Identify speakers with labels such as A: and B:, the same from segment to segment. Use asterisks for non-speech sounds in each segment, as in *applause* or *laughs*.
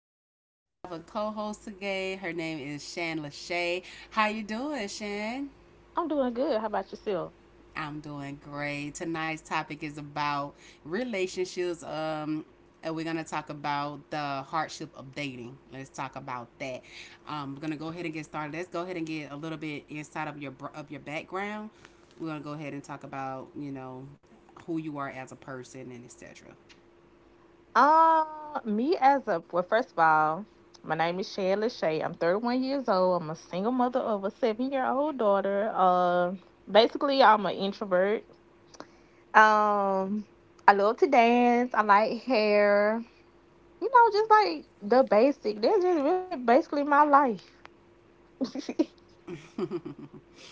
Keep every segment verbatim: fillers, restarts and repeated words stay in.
A: I have a co-host today. Her name is Shan Lachey. How you doing, Shan?
B: I'm doing good. How about yourself?
A: I'm doing great. Tonight's topic is about relationships. Um, and we're gonna talk about the hardship of dating. Let's talk about that. Um, we're gonna go ahead and get started. Let's go ahead and get a little bit inside of your br- of your background. We're gonna go ahead and talk about you know who you are as a person and et cetera.
B: Uh, me as a well, first of all, my name is Shay Lachey. I'm thirty-one years old. I'm a single mother of a seven-year old daughter. Uh, basically, I'm an introvert. Um, I love to dance. I like hair. You know, just like the basic. That's just really basically my life. *laughs*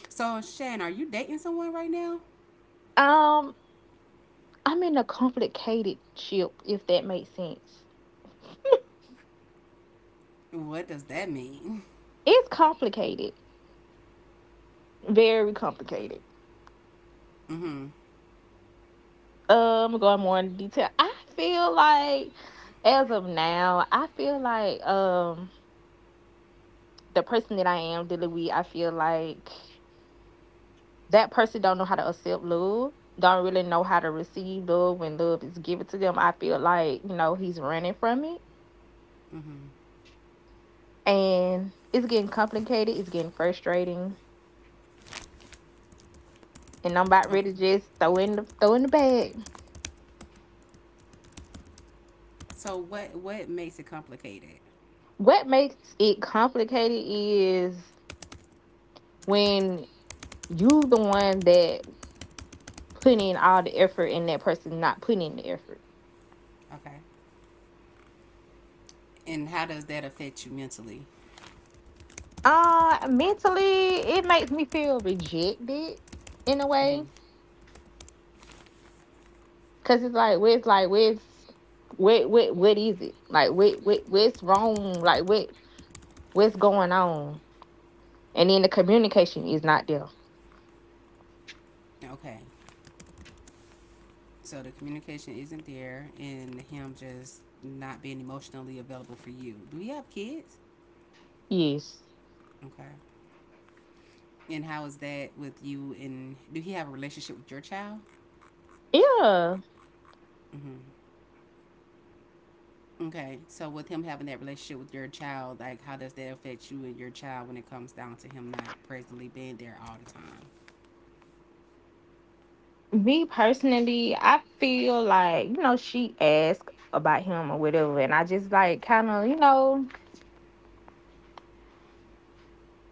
A: So, Shan, are you dating someone right now?
B: um, I'm in a complicated ship, if that makes sense.
A: What does that mean?
B: It's complicated, very complicated.
A: Mm-hmm.
B: Um going more in detail, I feel like as of now, I feel like um the person that I am dealing with, I feel like that person don't know how to accept love, don't really know how to receive love when love is given to them. I feel like you know he's running from it,
A: Mm-hmm.
B: and it's getting complicated, it's getting frustrating, and I'm about
A: Okay.
B: ready to just throw in the throw in the bag.
A: So, what what makes it complicated?
B: What makes it complicated is when you the one that putting all the effort in, that person not putting the effort.
A: Okay. And how does that affect you mentally?
B: Uh, mentally, it makes me feel rejected in a way,
A: Mm-hmm.
B: cause it's like, where's like, where's what, what, what is it? Like, what, what, what's wrong? Like, what, what's going on? And then the communication is not there.
A: Okay. So the communication isn't there, and him just not being emotionally available for you. Do you have kids?
B: Yes.
A: Okay. And how is that with you? And do he have a relationship with your child?
B: Yeah.
A: Mm-hmm. Okay, so with him having that relationship with your child, like how does that affect you and your child when it comes down to him not presently being there all the time?
B: Me personally, I feel like you know she asked about him or whatever, and I just like kind of, you know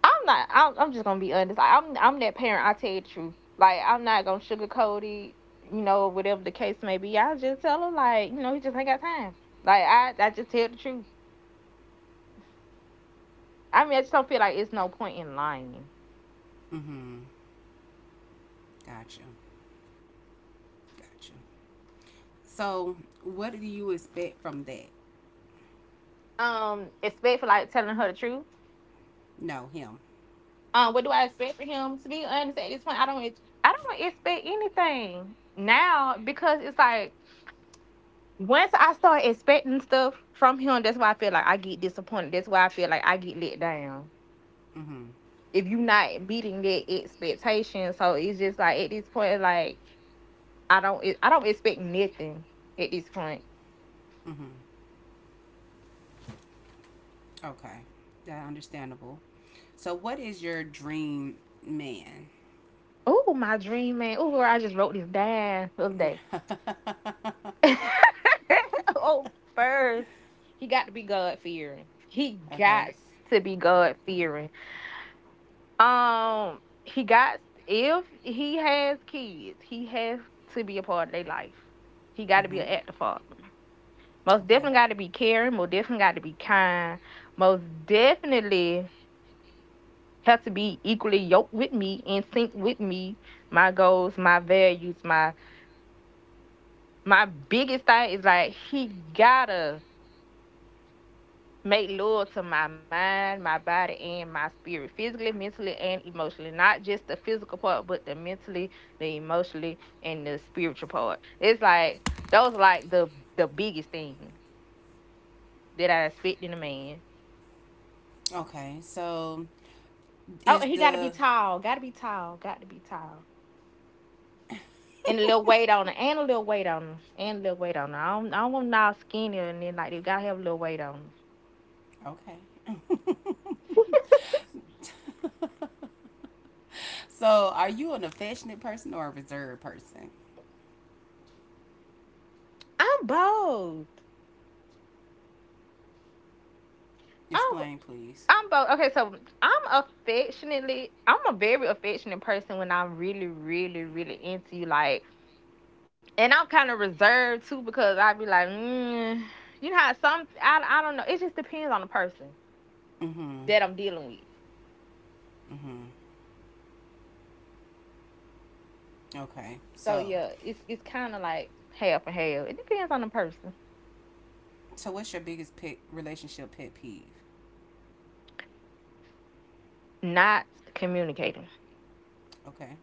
B: I'm not. I'm, I'm just gonna be honest. Like, I'm I'm that parent. I tell you the truth. Like, I'm not gonna sugarcoat it. You know, whatever the case may be, I just tell him like, you know, he just ain't got time. Like, I I just tell the truth. I mean, I just don't feel like it's no point in lying.
A: Mm-hmm. Gotcha. Gotcha. So what do you expect from that?
B: Um, expect for like telling her the truth.
A: No, him.
B: Um, what do I expect for him? To be honest, at this point, I don't I don't really expect anything now, because it's like once I start expecting stuff from him, that's why I feel like I get disappointed. That's why I feel like I get let down.
A: Mm-hmm.
B: If you not beating that expectation. So it's just like at this point, like I don't I don't expect nothing at this point.
A: Mm-hmm. Okay. That understandable. So what is your dream man?
B: Oh, my dream man. Oh, I just wrote this down the other day.
A: *laughs*
B: *laughs* Oh, first, he got to be God fearing. He got
A: okay.
B: to be God fearing. Um, he got If he has kids, he has to be a part of their life. He got to be an
A: Mm-hmm.
B: active father. Most
A: Okay.
B: definitely got to be caring. Most definitely got to be kind. Most definitely have to be equally yoked with me, in sync with me, my goals, my values, my my biggest thing is like he gotta make love to my mind, my body, and my spirit, physically, mentally, and emotionally. Not just the physical part, but the mentally, the emotionally, and the spiritual part. It's like those are like the the biggest things that I expect in a man.
A: Okay. So
B: Oh,
A: is
B: and he got to be
A: the
B: tall. Got to be tall. Got to be tall. And a little weight on him. And a little weight on him. And a little weight on him. I don't, I don't want him all skinny, and then like they got to have a little weight on him.
A: okay. So, are you an affectionate person or a reserved person?
B: I'm both. I'm,
A: Explain, please.
B: I'm both. Okay, so I'm affectionately, I'm a very affectionate person when I'm really, really, really into you. Like, and I'm kind of reserved too, because I be like, mm, you know how some, I, I don't know. It just depends on the person
A: Mm-hmm.
B: that I'm dealing with.
A: Mm-hmm. Okay.
B: So
A: So,
B: yeah, it's, it's kind of like half and half. It depends on the person.
A: so what's your biggest pet relationship pet peeve?
B: Not communicating.
A: Okay.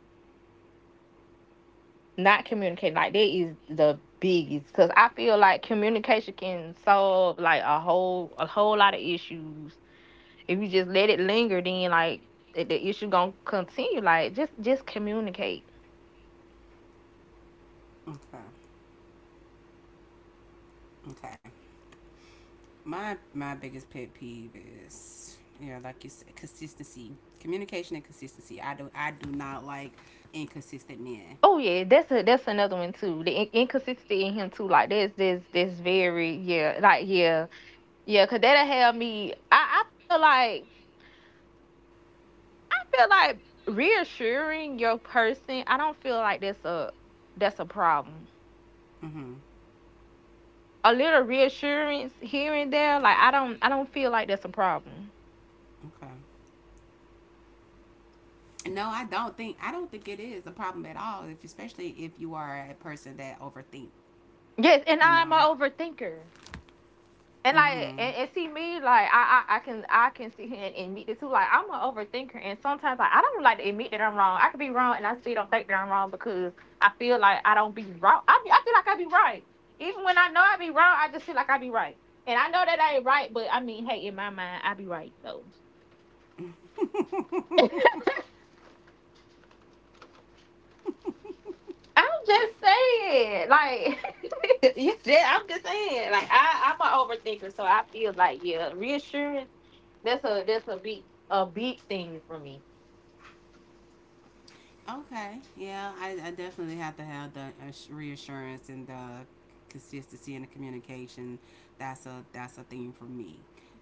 B: Not communicating, like, that is the biggest, because I feel like communication can solve like a whole a whole lot of issues. If you just let it linger then, like, the, the issue gonna continue. Like, just just communicate.
A: Okay. Okay. My my biggest pet peeve is you know like you said consistency, communication, and consistency. I do I do not like inconsistent men.
B: Oh yeah, that's a that's another one too, the in- inconsistency in him too. Like, that's, this this very, yeah, like, yeah, yeah. Because that'll have me, I, I feel like I feel like reassuring your person, I don't feel like that's a that's a problem.
A: Mm-hmm.
B: A little reassurance here and there, like, I don't I don't feel like that's a problem.
A: Okay. No, I don't think I don't think it is a problem at all. If Especially if you are a person that overthink,
B: Yes, and
A: you
B: I'm
A: know.
B: an overthinker. And, like,
A: Mm-hmm.
B: and, and see me, like, I, I I can I can sit here and admit this too. Like, I'm an overthinker, and sometimes like I don't like to admit that I'm wrong. I could be wrong and I still don't think that I'm wrong, because I feel like I don't be wrong. I be, I feel like I be right. Even when I know I be wrong, I just feel like I be right. And I know that I ain't right, but I mean, hey, in my mind, I be right though. I'm just saying, like, *laughs* yeah, that- I'm just saying, like, I, I'm an overthinker, so I feel like, yeah, reassurance. That's a that's a big a big thing for me.
A: Okay. Yeah, I, I definitely have to have the ass- reassurance and the consistency and the communication. That's a that's a thing for me.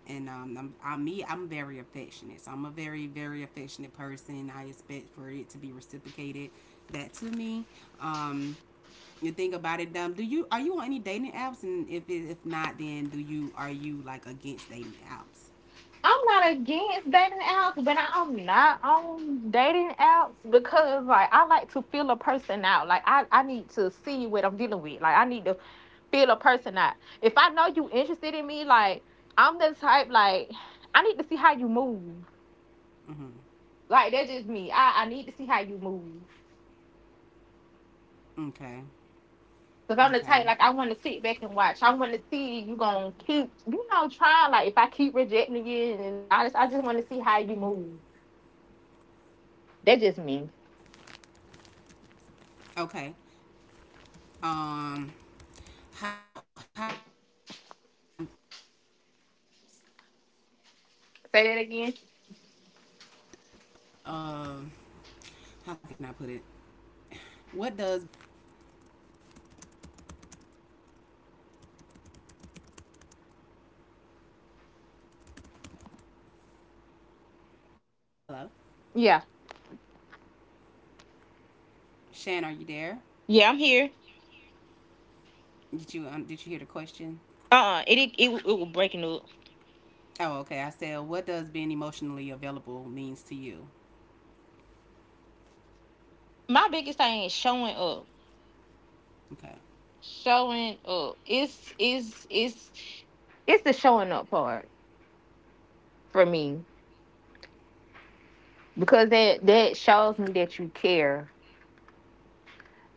A: And um, I'm, I'm me. I'm very affectionate. So I'm a very very affectionate person. I expect for it to be reciprocated back to me. Um, you think about it. Um, do you are you on any dating apps? And if it, if not, then do you are you like against dating apps?
B: I'm not against dating apps, but I'm not on dating apps because, like, I like to feel a person out. Like, I, I need to see what I'm dealing with. Like, I need to feel a person out. If I know you interested in me, like, I'm the type, like, I need to see how you move.
A: Mm-hmm.
B: Like, that's just me. I, I need to see how you move.
A: Okay.
B: Because I'm the
A: Okay.
B: type, like I want to sit back and watch. I want to see you gonna keep, you know, trying. Like if I keep rejecting you, and I just, I just want to see how you move. That's just me.
A: Okay. Um. how how important it is for what does um how can I put it?
B: Say that again.
A: What does being emotionally available means to you? Hello,
B: Yeah.
A: Shan, are you there?
B: Yeah, I'm here.
A: Did you um, did you hear the question?
B: Uh, it it it, it was breaking up.
A: Oh, okay. I said, what does being emotionally available means to you?
B: My biggest thing is showing up.
A: Okay.
B: Showing up. It's it's it's it's the showing up part for me, because that that shows me that you care.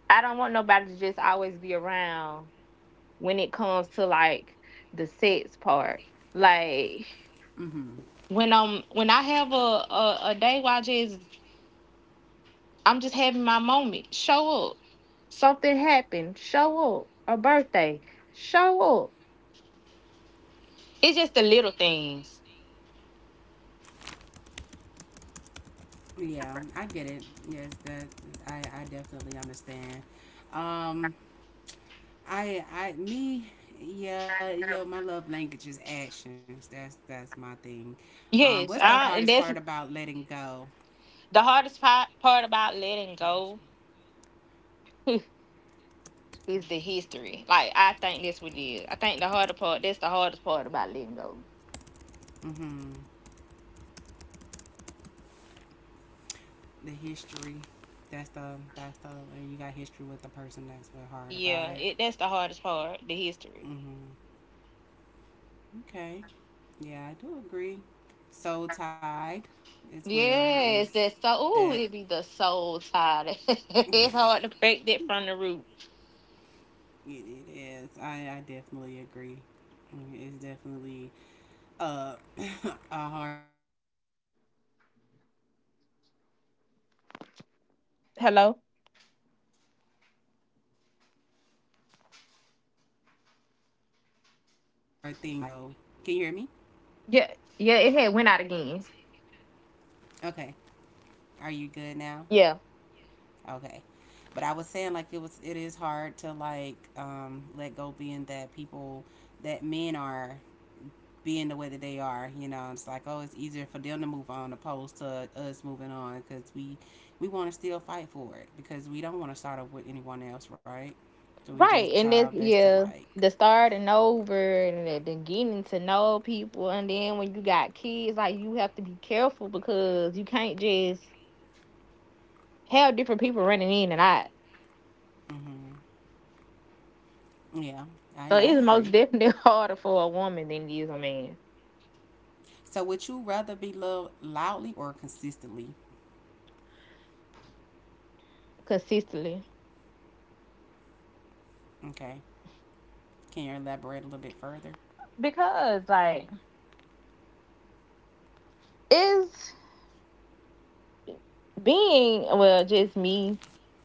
B: I don't want nobody to just always be around, when it comes to like the sex part. Like,
A: Mhm.
B: when um when I have a, a, a day where I just I'm just having my moment, show up. Something happened, show up. A birthday, show up. It's just the little things.
A: Yeah, I get it. Yes, that I I definitely understand. Um, I I me yeah yeah my love language is actions. That's that's my thing. Um, what's
B: Yes,
A: the
B: I,
A: hardest
B: and
A: part
B: that's
A: about letting go?
B: the hardest part, part about letting go *laughs* is the history. Like I think that's what it is. I think the harder part that's the hardest part about letting go.
A: Mm-hmm. The history. That's the that's the you got history with the person that's real hard
B: Yeah,
A: about it.
B: it that's the hardest part, the history.
A: Mm-hmm. Okay. Yeah, I do agree. Soul tied as well
B: Yes,
A: is
B: that soul. Ooh,
A: that *laughs*
B: it be the soul tied. *laughs*
A: it,
B: It's hard to break that from the root.
A: it is. I, I definitely agree. I mean, it's definitely uh, *coughs* *laughs* a hard thing to do when it comes down to you trying to like start over and you
B: Hello?
A: know. Can you hear me? Hello. Shan, are you here?
B: Yeah, yeah, it had went out again.
A: Okay. Are you good now?
B: Yeah.
A: Okay. But I was saying like it was it is hard to like um let go being that people that men are being the way that they are, you know, it's like oh, it's easier for them to move on opposed to us moving on because we we want to still fight for it because we don't want to start up with anyone else, right? So we just
B: Right.
A: try
B: And
A: our
B: that's,
A: best to
B: yeah,
A: like,
B: the starting over and the, the getting to know people, and then when you got kids, like, you have to be careful because you can't just have different people running in and out.
A: hmm yeah,
B: So
A: I I
B: it's most
A: agree.
B: definitely *laughs* harder for a woman than it is a man.
A: So would you rather be loved loudly or consistently?
B: Consistently.
A: Okay, can you elaborate a little bit further?
B: Because, like, it's being, well, just me.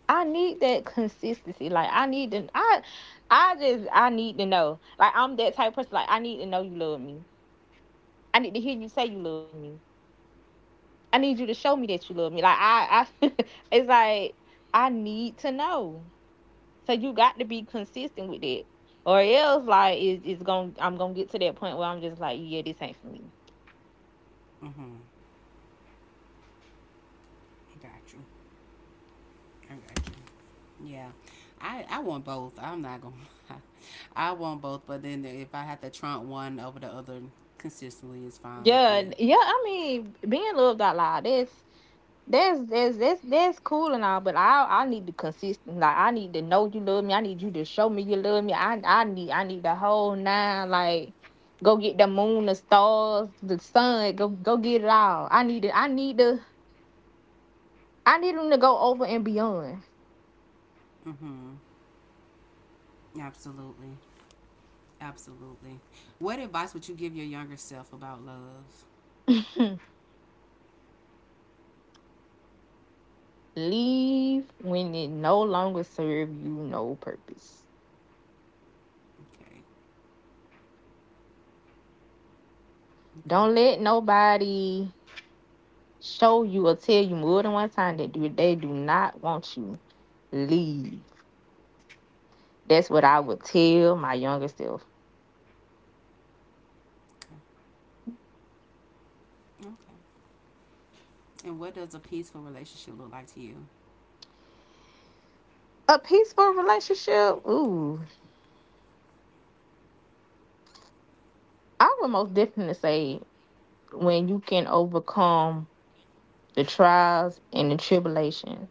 B: I need that consistency. Like, I need to I I just I need to know. Like, I'm that type of person. Like, I need to know you love me. I need to hear you say you love me. I need you to show me that you love me. Like, I I *laughs* it's like I need to know. So you got to be consistent with it. Or else, like, it's it's gonna I'm gonna get to that point where I'm just like, yeah, this ain't for me.
A: Mm-hmm. I got you. I got you. Yeah. I, I want both. I'm not gonna *laughs* I want both, but then if I have to trump one over the other consistently it's fine with
B: Yeah,
A: me.
B: yeah, I mean, being loved out loud, that's. That's that's that's that's cool and all, but I I need the consistent. Like, I need to know you love me. I need you to show me you love me. I I need I need the whole nine. Like, go get the moon, the stars, the sun. Go go get it all. I need it. I need the. I need them to go over and beyond.
A: Mm-hmm. Absolutely. Absolutely. What advice would you give your younger self about love?
B: *clears throat* Leave when it no longer serve you no purpose.
A: Okay.
B: Don't
A: Okay.
B: let nobody show you or tell you more than one time that do- they do not want you. Leave. That's what I would tell my younger self.
A: Okay. Okay. And what does a peaceful relationship look like to you?
B: A peaceful relationship, ooh, I would most definitely say when you can overcome the trials and the tribulation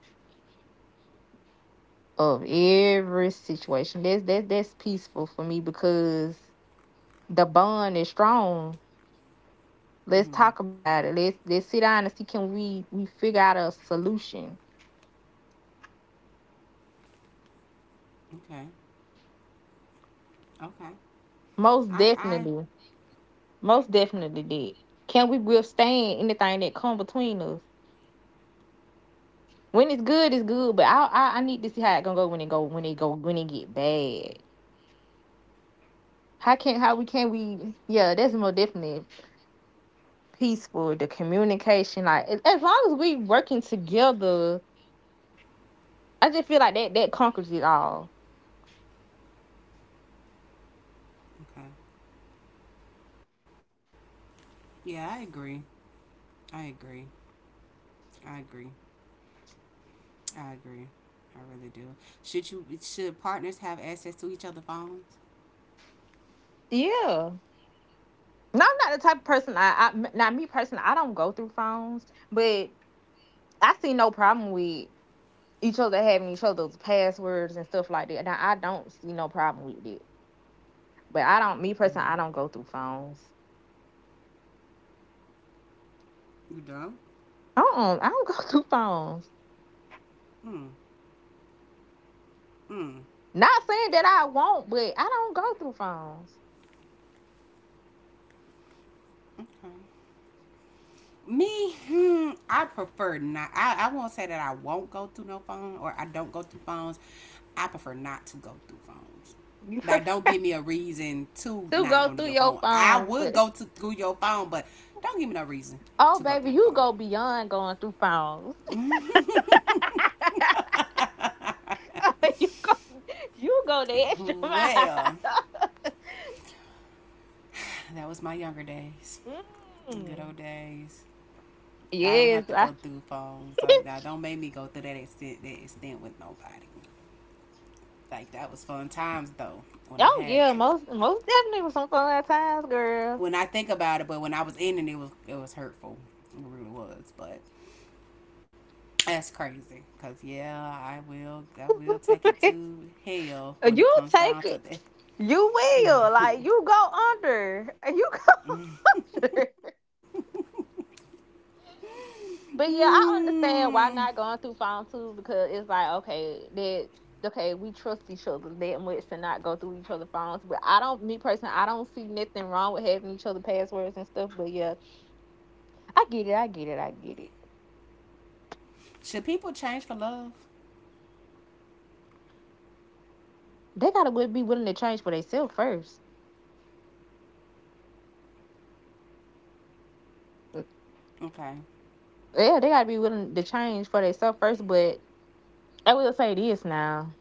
B: of every situation. That's that that's peaceful for me because the bond is strong.
A: Mm-hmm.
B: Let's talk about it. Let's let's sit down and see can we we figure out a solution.
A: Okay. Okay. I
B: Most
A: I
B: definitely, most definitely did. Can we withstand anything that come between us? When it's good, it's good. But I, I I need to see how it gonna go when it go, when it go when it get bad. How can how we can we, yeah, that's more definitely peaceful. The communication, like as long as we working together, I just feel like that that conquers it all.
A: okay. Yeah, I agree. I agree. I agree. I agree. I really do. Should you should partners have access to each other's phones?
B: Yeah. No, I'm not the type of person. I, I now me personally, I don't go through phones, but I see no problem with each other having each other's passwords and stuff like that. Now I don't see no problem with it, but I don't. Me
A: Mm.
B: personally, I don't go through phones.
A: You don't.
B: Uh-uh, I don't go *laughs* through phones.
A: Mm. Mm.
B: Not saying that I won't, but I don't go through phones.
A: Okay. Me, hmm, I prefer not. I, I won't say that I won't go through no phone or I don't go through phones. I prefer not to go through phones.
B: You
A: Like, don't give me a reason
B: *laughs*
A: to
B: still
A: not
B: go
A: go to
B: through
A: your
B: your
A: phone. I
B: phone,
A: would
B: but
A: go to through your phone, but don't give me no reason
B: oh
A: to go
B: baby,
A: through your
B: you
A: phone.
B: go beyond going through phones. *laughs* You go, you go the extra mile.
A: Well, that was my younger days,
B: *laughs*
A: good
B: Mm.
A: old days. I don't
B: Yes,
A: have to
B: I,
A: go through phones. So
B: *laughs*
A: don't make me go through that extent that extent with nobody. Like that was fun times though when I
B: oh
A: had
B: yeah,
A: to.
B: most most definitely with some phone at times, girl.
A: When I think about it, but when I was in it, it was it was hurtful. It really was. But that's crazy. Cause yeah, I will I will take it
B: *laughs*
A: to hell when it
B: You
A: comes down
B: take
A: to that.
B: it, you will. Like you go under, you go. *laughs* Under. But yeah, I
A: Mm.
B: understand why not going through phone too because it's like okay that okay we trust each other that much to not go through each other's phones. But I don't, me personally, I don't see nothing wrong with having each other passwords and stuff. But yeah, I get it, I get it, I get it.
A: Should people change for love?
B: They gotta wi- be willing to change for themselves first. Mm.
A: Okay.
B: Yeah, they gotta be willing to change for themselves first. But I will say this now.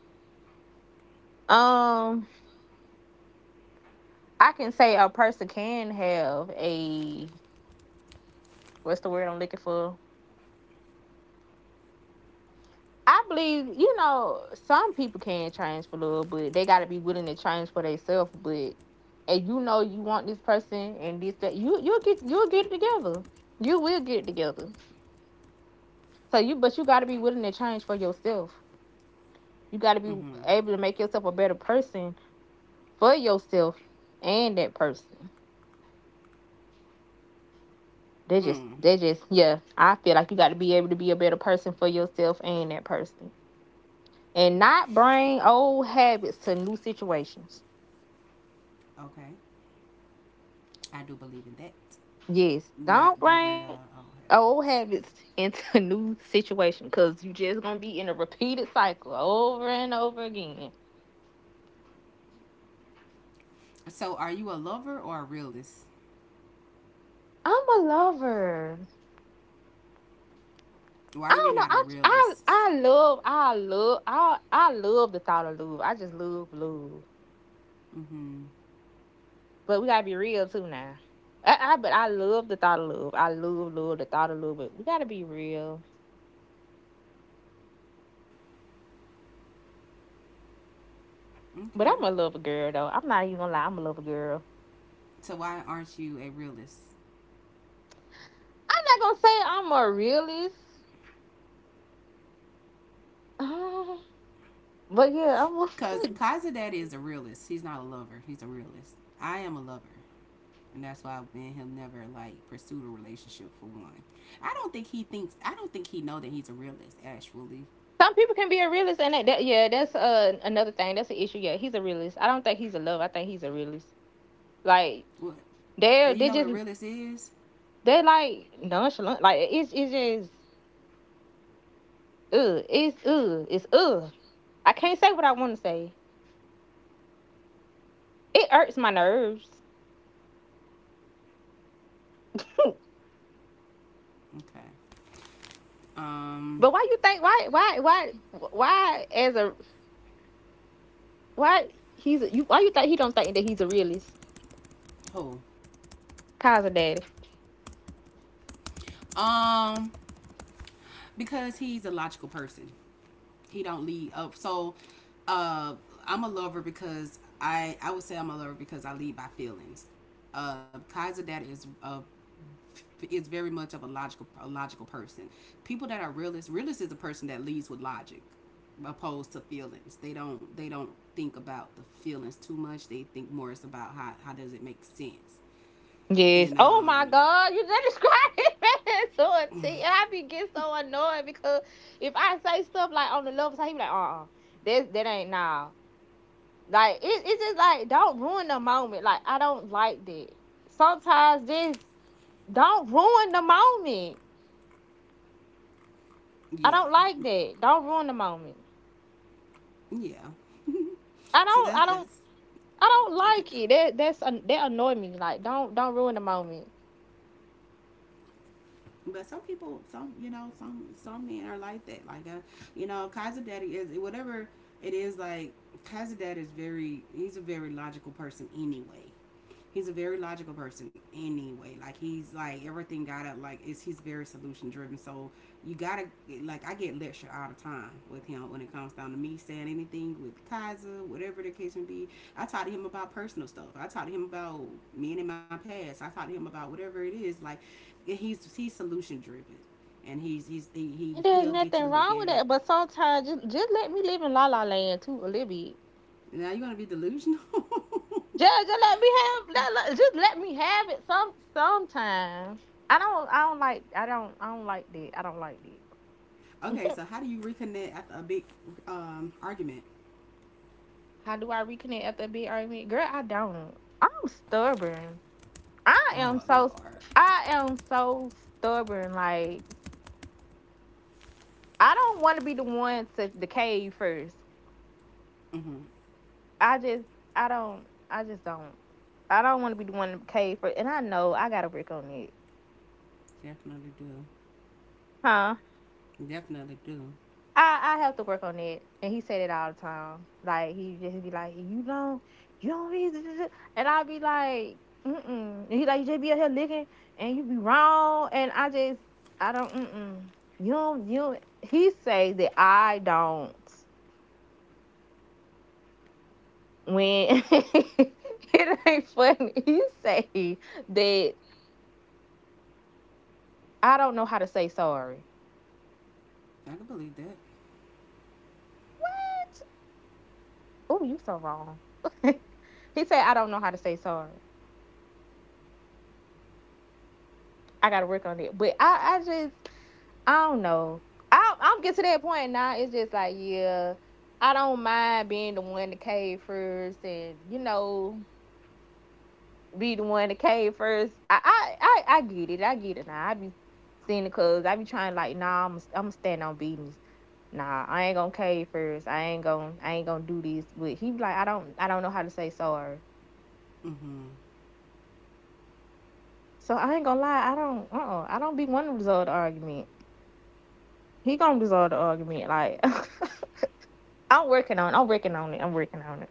B: Um, I can say a person can have a what's the word I'm looking for? I believe, you know, some people can change for love, but they gotta be willing to change for themselves. But and you know you want this person and this that you you'll get you'll get it together. You will get it together. So you but you gotta be willing to change for yourself. You gotta be
A: Mm-hmm.
B: able to make yourself a better person for yourself and that person. They
A: Mm.
B: just they just yeah, I feel like you gotta be able to be a better person for yourself and that person. And not bring old habits to new situations.
A: Okay. I do believe in that.
B: Yes,
A: Not
B: don't
A: bringing the
B: bring
A: oh
B: old
A: heavens.
B: habits into *laughs* new situation because you just gonna be in a repeated cycle over and over again.
A: So, are you a lover or a realist?
B: I'm a lover.
A: Why
B: I
A: you're
B: don't know.
A: not a
B: I I
A: realist?
B: I love I love I I love the thought of love. I just love love.
A: Mm-hmm.
B: But we gotta be real too now. I, I but I love the thought of love. I love love the thought of love. But we gotta be real. But
A: Okay.
B: I'm a lover girl though. I'm not even gonna lie. I'm a lover girl.
A: So why aren't you a realist?
B: I'm not gonna say I'm a realist. *sighs* But yeah, I want.
A: Cause
B: *laughs*
A: Kazadad is a realist. He's not a lover. He's a realist. I am a lover, and that's why me and him never like pursued a relationship for one. I don't think he thinks. I don't think he know that he's a realist. Actually,
B: Some people can be a realist, and that, that yeah, that's uh, another thing. That's an issue. Yeah, he's a realist. I don't think he's a love. I think he's a realist. Like
A: what
B: they're
A: do you
B: they
A: know what a
B: just
A: realist is?
B: they're like nonchalant. Like it's it's just ugh. It's ugh. It's ugh. I can't say what I want to say. It irks my nerves. *laughs*
A: Okay. Um.
B: But why you think why why why why as a why he's a, you why you think he don't think that he's a realist?
A: Who?
B: Cause of daddy.
A: Um. Because he's a logical person. He don't lead up. So uh, I'm a lover because I I would say I'm a lover because I lead by feelings. Uh, Kaiser Dad is uh, is very much of a logical a logical person. People that are realist, realist is a person that leads with logic opposed to feelings. They don't they don't think about the feelings too much. They think more it's about how how does it make sense.
B: Yes.
A: And
B: Oh my
A: um
B: God, you just described it *laughs* man, to a T. And I be getting so annoyed because if I say stuff like on the love side, he be like, uh uh that that ain't now. Like it, it's just like don't ruin the moment. Like I don't like that. Sometimes just don't ruin the moment. I
A: yeah.
B: don't like that. Don't ruin the moment.
A: Yeah.
B: I
A: So
B: don't
A: that's
B: I don't
A: that's
B: I don't like it. That that's that annoy me. Like don't don't ruin the moment.
A: But some people, some you know, some some men are like that. Like uh, you know, Kaiser Daddy is whatever it is. Like Kaiser Daddy is very. He's a very logical person anyway. He's a very logical person anyway. Like he's like everything got up. Like is he's very solution driven. So you gotta like I get lectured all the time with him when it comes down to me saying anything with Kaiser, whatever the case may be. I talk to him about personal stuff. I talk to him about me and in my past. I talk to him about whatever it is. Like he's he's solution driven, and he's he's he, he
B: And
A: he'll
B: there's
A: get you to
B: nothing
A: look
B: wrong
A: at
B: with
A: it.
B: that. But sometimes just just let me live in La La Land too a little bit.
A: Now you're gonna be delusional.
B: Just, just let me have let, let- just let me have it some sometime. I don't I don't like I don't I don't like that. I don't like that.
A: *laughs* okay, so how do you reconnect after a big um, argument?
B: How do I reconnect after a big argument? Girl, I don't. I'm stubborn. I am
A: Oh
B: so
A: Lord.
B: I am so stubborn. Like I don't want to be the one to decay first.
A: Mm-hmm.
B: I just I don't I just don't. I don't want to be the one to decay first. And I know I gotta work on it.
A: Definitely do.
B: Huh?
A: Definitely do.
B: I I have to work on it, and he said it all the time. Like he just be like, "You don't, you don't read," this, and I'll be like, "Mm-mm." And he like, "You just be out here licking, and you be wrong." And I just, I don't, mm-mm. You don't, you. Don't. He say that I don't when *laughs* it ain't funny. He say that I don't know how to say sorry.
A: I can believe that.
B: Oh, you so wrong. *laughs* He said I don't know how to say sorry. I gotta work on it, but I I just. I don't know. I i am get to that point now. It's just like, yeah, I don't mind being the one to cave first, and you know, be the one to cave first. I I I, I get it. I get it now. I be seeing the cuz. I be trying like, nah, I'm I'm stand on business. Nah, I ain't gonna cave first. I ain't gonna I ain't gonna do this. But he be like, I don't I don't know how to say sorry.
A: Mm-hmm.
B: So I ain't gonna lie. I don't. Uh. uh I don't be wanting to resolve the argument. He gonna resolve the argument. Like *laughs* I'm working on. I'm working on it. I'm working on it.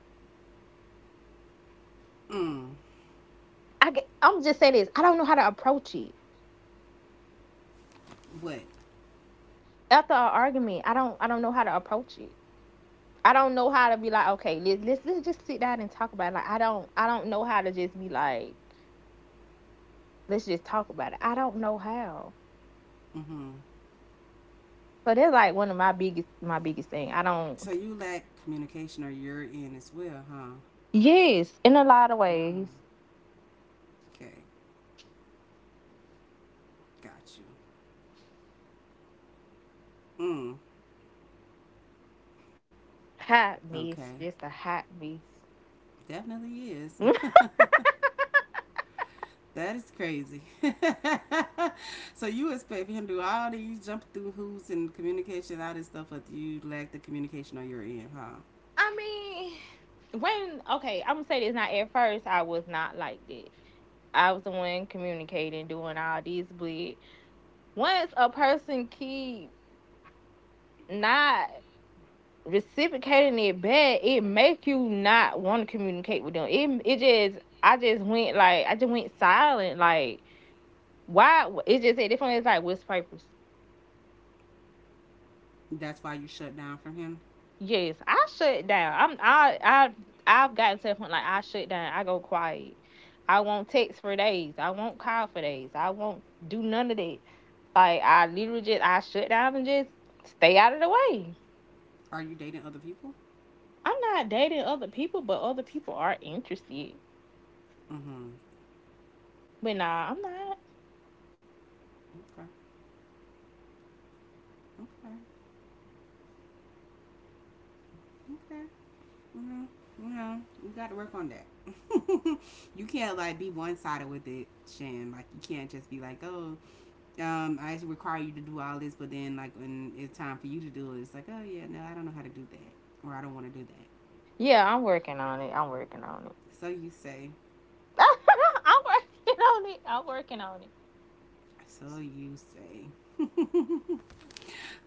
A: Mm.
B: I get- I'm just saying this. I don't know how to approach it
A: What?
B: after an argument. I don't I don't know how to approach it. I don't know how to be like, okay, let's let's let's just sit down and talk about it. Like I don't I don't know how to just be like, let's just talk about it. I don't know how.
A: Mm-hmm.
B: So that's like one of my biggest my biggest thing. I don't.
A: So you lack communication or you're in as well, huh?
B: Yes, in a lot of
A: Oh,
B: ways,
A: okay. Got you.
B: hot
A: Mm. Okay.
B: mess. Just a hot mess.
A: Definitely is. *laughs*
B: *laughs*
A: that is crazy. *laughs* so you expect him to do all these jump through hoops and communication, all this stuff, but you lack the communication or you're in, huh?
B: I mean, when okay, I'm gonna say this. Not at first, I was not like that. I was the one communicating, doing all this, but once a person keep not reciprocating it back, it make you not want to communicate with them. It it just I just went like I just went silent. Like why? It just at this point it's like what's purpose?
A: That's why you shut down from him.
B: Yes, I shut down. I'm I I I've gotten to the point like I shut down. I go quiet. I won't text for days. I won't call for days. I won't do none of that. Like I literally just I shut down and just stay out of the way.
A: Are you dating other people?
B: I'm not dating other people, but other people are interested.
A: Mm-hmm.
B: But nah, I'm not.
A: Okay. Okay. Okay. mm, you know, you got to work on that. *laughs* you can't like be one sided with it, Shan. Like you can't just be like, oh, um, I just require you to do all this, but then like when it's time for you to do it, it's like, oh yeah, no, I don't know how to do that, or I don't want to do that.
B: Yeah, I'm working on it. I'm working on it.
A: So you say.
B: *laughs* I'm working on it. I'm working on it.
A: So you say.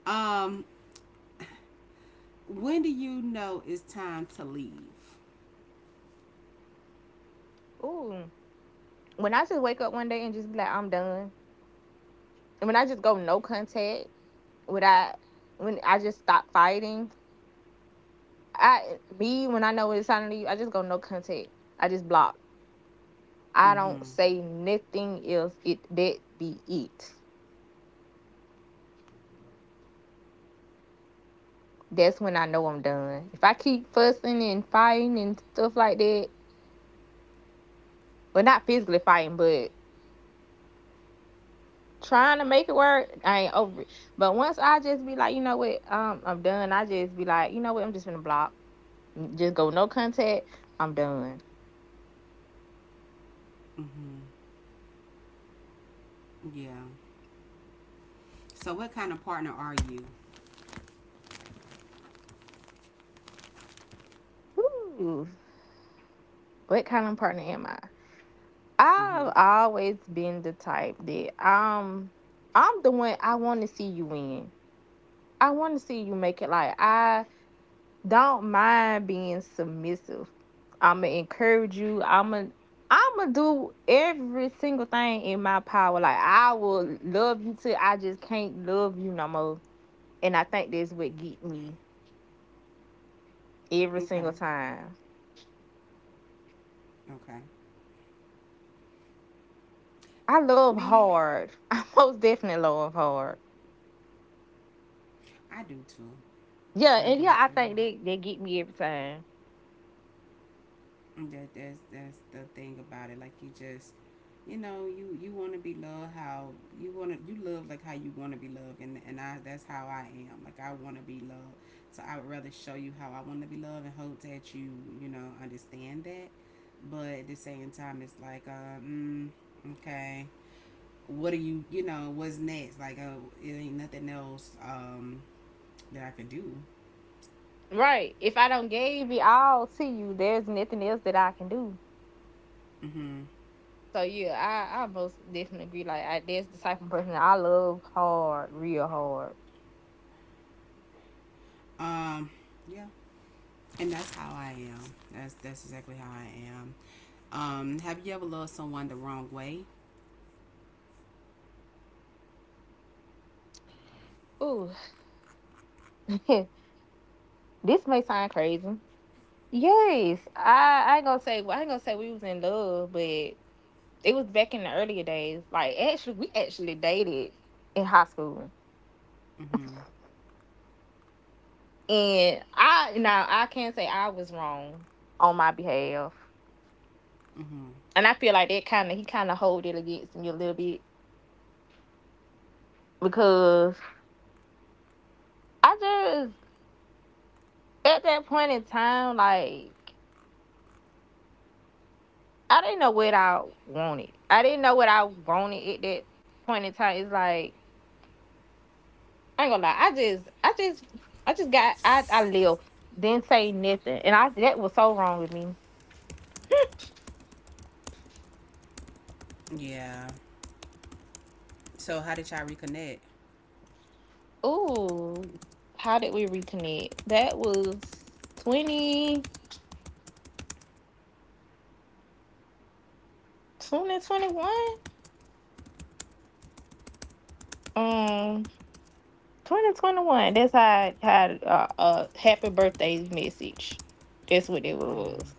A: Um, when do you know it's time to leave?
B: Ooh. When I just wake up one day and just be like, I'm done. And when I just go no contact, when I when I just stop fighting, I me when I know it's time to leave, I just go no contact. I just block. I don't
A: Mm-hmm.
B: say nothing else. It that be it. That's when I know I'm done. If I keep fussing and fighting and stuff like that, well, not physically fighting, but trying to make it work, I ain't over it. But once I just be like, you know what, um, I'm done. I just be like, you know what, I'm just gonna block, just go no contact. I'm done.
A: Mm-hmm. Yeah. So what kind of partner are you?
B: Woo. What kind of partner am I?
A: Mm-hmm.
B: I've always been the type that um, I'm the one I want to see you win. I want to see you make it. Like I don't mind being submissive. I'ma encourage you. I'ma I'ma do every single thing in my power. Like I will love you till I just can't love you no more. And I think that's what get me every
A: Okay.
B: single time.
A: Okay.
B: I love
A: Me,
B: hard. *laughs* I most definitely love hard.
A: I do too.
B: Yeah,
A: I
B: and
A: do
B: yeah, I
A: too.
B: think they they get me every time.
A: That that's that's the thing about it. Like you just, you know, you you want to be loved how you want to you love like how you want to be loved, and and I that's how I am. Like I want to be loved, so I would rather show you how I want to be loved and hope that you you know understand that. But at the same time, it's like, uh, mm, okay, what are you you know what's next? Like, uh, it ain't nothing else um that I could do.
B: Right. If I don't give it all to you, there's nothing else that I can do.
A: Mm-hmm.
B: So yeah, I I most definitely agree. Like I, that's the type of person that I love hard, real hard.
A: Um, yeah. And that's how I am. That's that's exactly how I am. Um, have you ever loved someone the wrong way?
B: Ooh. *laughs* This may sound crazy. Yes, I, I ain't gonna say I ain't gonna say we was in love, but it was back in the earlier days. Like actually, we actually dated in high school,
A: Mm-hmm.
B: and I now I can't say I was wrong on my behalf,
A: Mm-hmm.
B: and I feel like that kind of he kind of hold it against me a little bit because I just at that point in time like I didn't know what I wanted. I didn't know what I wanted at that point in time. It's like I ain't gonna lie. I just, I just, I just got, I, I left. Didn't say nothing, and I that was so wrong with me.
A: Yeah. So how did y'all reconnect?
B: Ooh, how did we reconnect? That was twenty twenty twenty one. Um, twenty twenty one. That's how I had uh, a happy birthday message. That's what it
A: Mm-hmm.
B: was.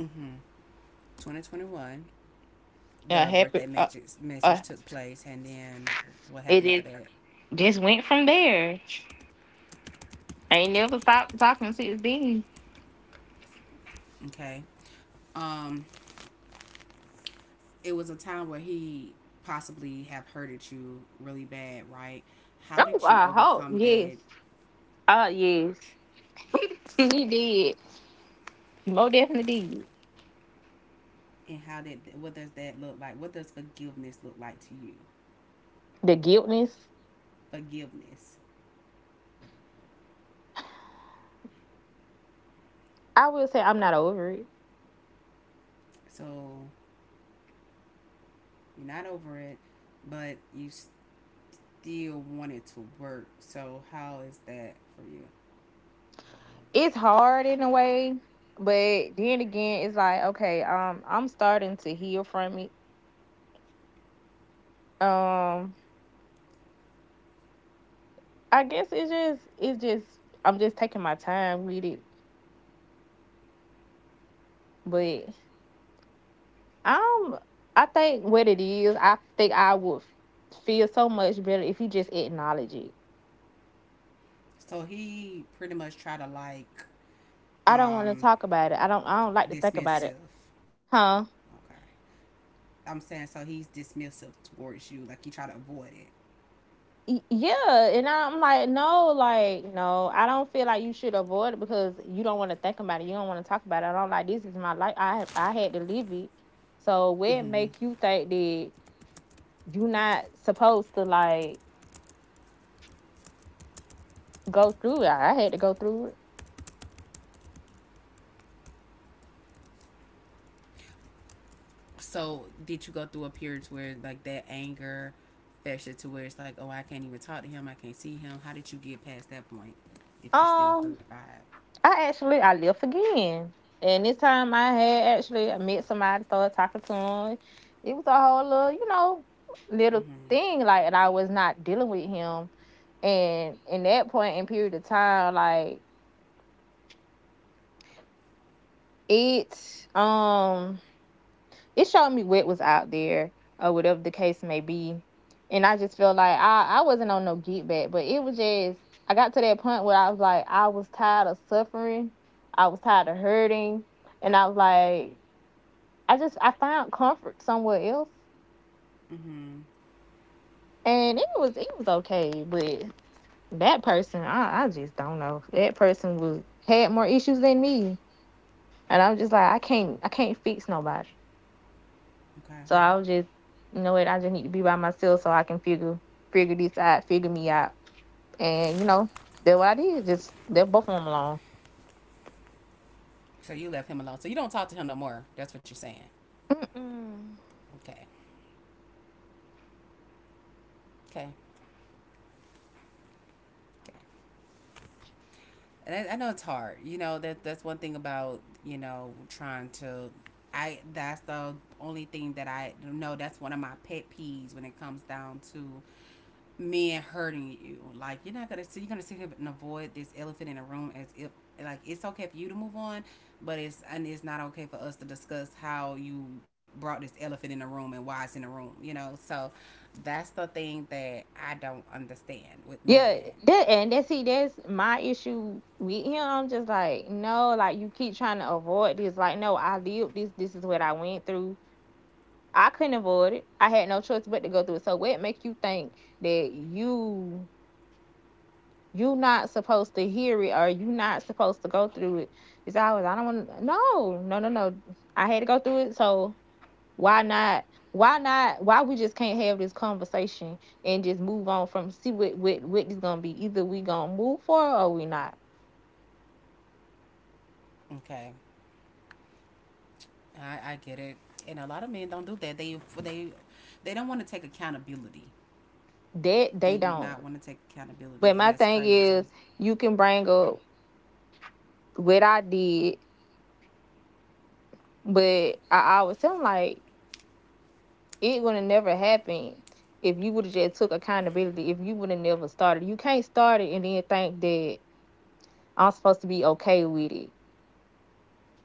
A: Mm-hmm. twenty twenty-one,
B: A
A: the
B: happy.
A: birthday
B: Uh,
A: message
B: uh,
A: message took place, and then what
B: it
A: happened after
B: just
A: that?
B: just went from there. I ain't never stopped talking since then.
A: Okay. Um, it was a time where he possibly have hurted you really bad, right? How
B: Oh,
A: did you
B: I hope
A: overcome
B: yes.
A: that?
B: Uh yes. He did. Mo definitely did.
A: And how did what does that look like? What does forgiveness look like to you?
B: The guiltness.
A: Forgiveness.
B: I will say I'm not over it.
A: So you're not over it, but you still want it to work. So how is that for you?
B: It's hard in a way, but then again, it's like, okay, um, I'm starting to heal from it. Um, I guess it's just it's just I'm just taking my time with it. But um I think what it is, I think I would feel so much better if you just acknowledge it.
A: So he pretty much tried to like
B: I don't want to
A: um
B: talk about it. I don't I don't like to think about it.
A: dismissive.
B: Huh?
A: Okay. I'm saying so he's dismissive towards you, like you try to avoid it.
B: Yeah, and I'm like, no, like, no, I don't feel like you should avoid it because you don't want to think about it. You don't want to talk about it. I'm like, this is my life. I I had to live it. So what
A: Mm-hmm.
B: make you think that you not supposed to like go through it? I had to go through it.
A: So did you go through a period where like that anger festered to where it's like, oh, I can't even talk to him, I can't see him. How did you get past that point? If you still
B: Um,
A: hurt by it.
B: I actually I left again, and this time I had actually met somebody, started talking to him. It was a whole little, you know, little
A: Mm-hmm.
B: thing like, and I was not dealing with him, and in that point in period of time like it um it showed me what was out there or whatever the case may be, and I just felt like i i wasn't on no get back, but it was just I got to that point where I was like I was tired of suffering, I was tired of hurting, and I was like i just i found comfort somewhere else.
A: Mm-hmm.
B: And it was it was okay, but that person, i i just don't know, that person was, had more issues than me. And I was just like, I can't, I can't fix nobody.
A: Okay.
B: So I was just, you know what? I just need to be by myself so I can figure, figure this out, figure me out. And you know, that's what I did. Just left both of them alone.
A: So you left him alone. So you don't talk to him no more. That's what you're saying.
B: Mm-mm.
A: Okay. Okay. Okay. And I, I know it's hard. You know that that's one thing about you know trying to. I that's the only thing that I know. That's one of my pet peeves when it comes down to men hurting you. Like you're not gonna so you're gonna sit here and avoid this elephant in the room as if like it's okay for you to move on, but it's and it's not okay for us to discuss how you brought this elephant in the room and why it's in the room. You know, so that's the thing that I don't understand with men.
B: Yeah, that, and that's, see, that's my issue with him. I'm just like, no, like you keep trying to avoid this. Like, no, I lived this. This is what I went through. I couldn't avoid it. I had no choice but to go through it. So what makes you think that you you not supposed to hear it, or you not supposed to go through it? It's always I don't want to, no, no, no, no. I had to go through it, so why not? Why not? Why we just can't have this conversation and just move on from, see, what what what is gonna be? Either we gonna move forward or we not.
A: Okay. I, I get it, and a lot of men don't do that. They they they don't want to take accountability.
B: That
A: They
B: they
A: do
B: don't.
A: not want to take accountability,
B: But
A: and
B: my
A: that's
B: thing
A: crazy.
B: is, you can bring up what I did, but I always tell them, like, it would have never happened if you would have just took accountability. If you would have never started, you can't start it and then think that I'm supposed to be okay with it.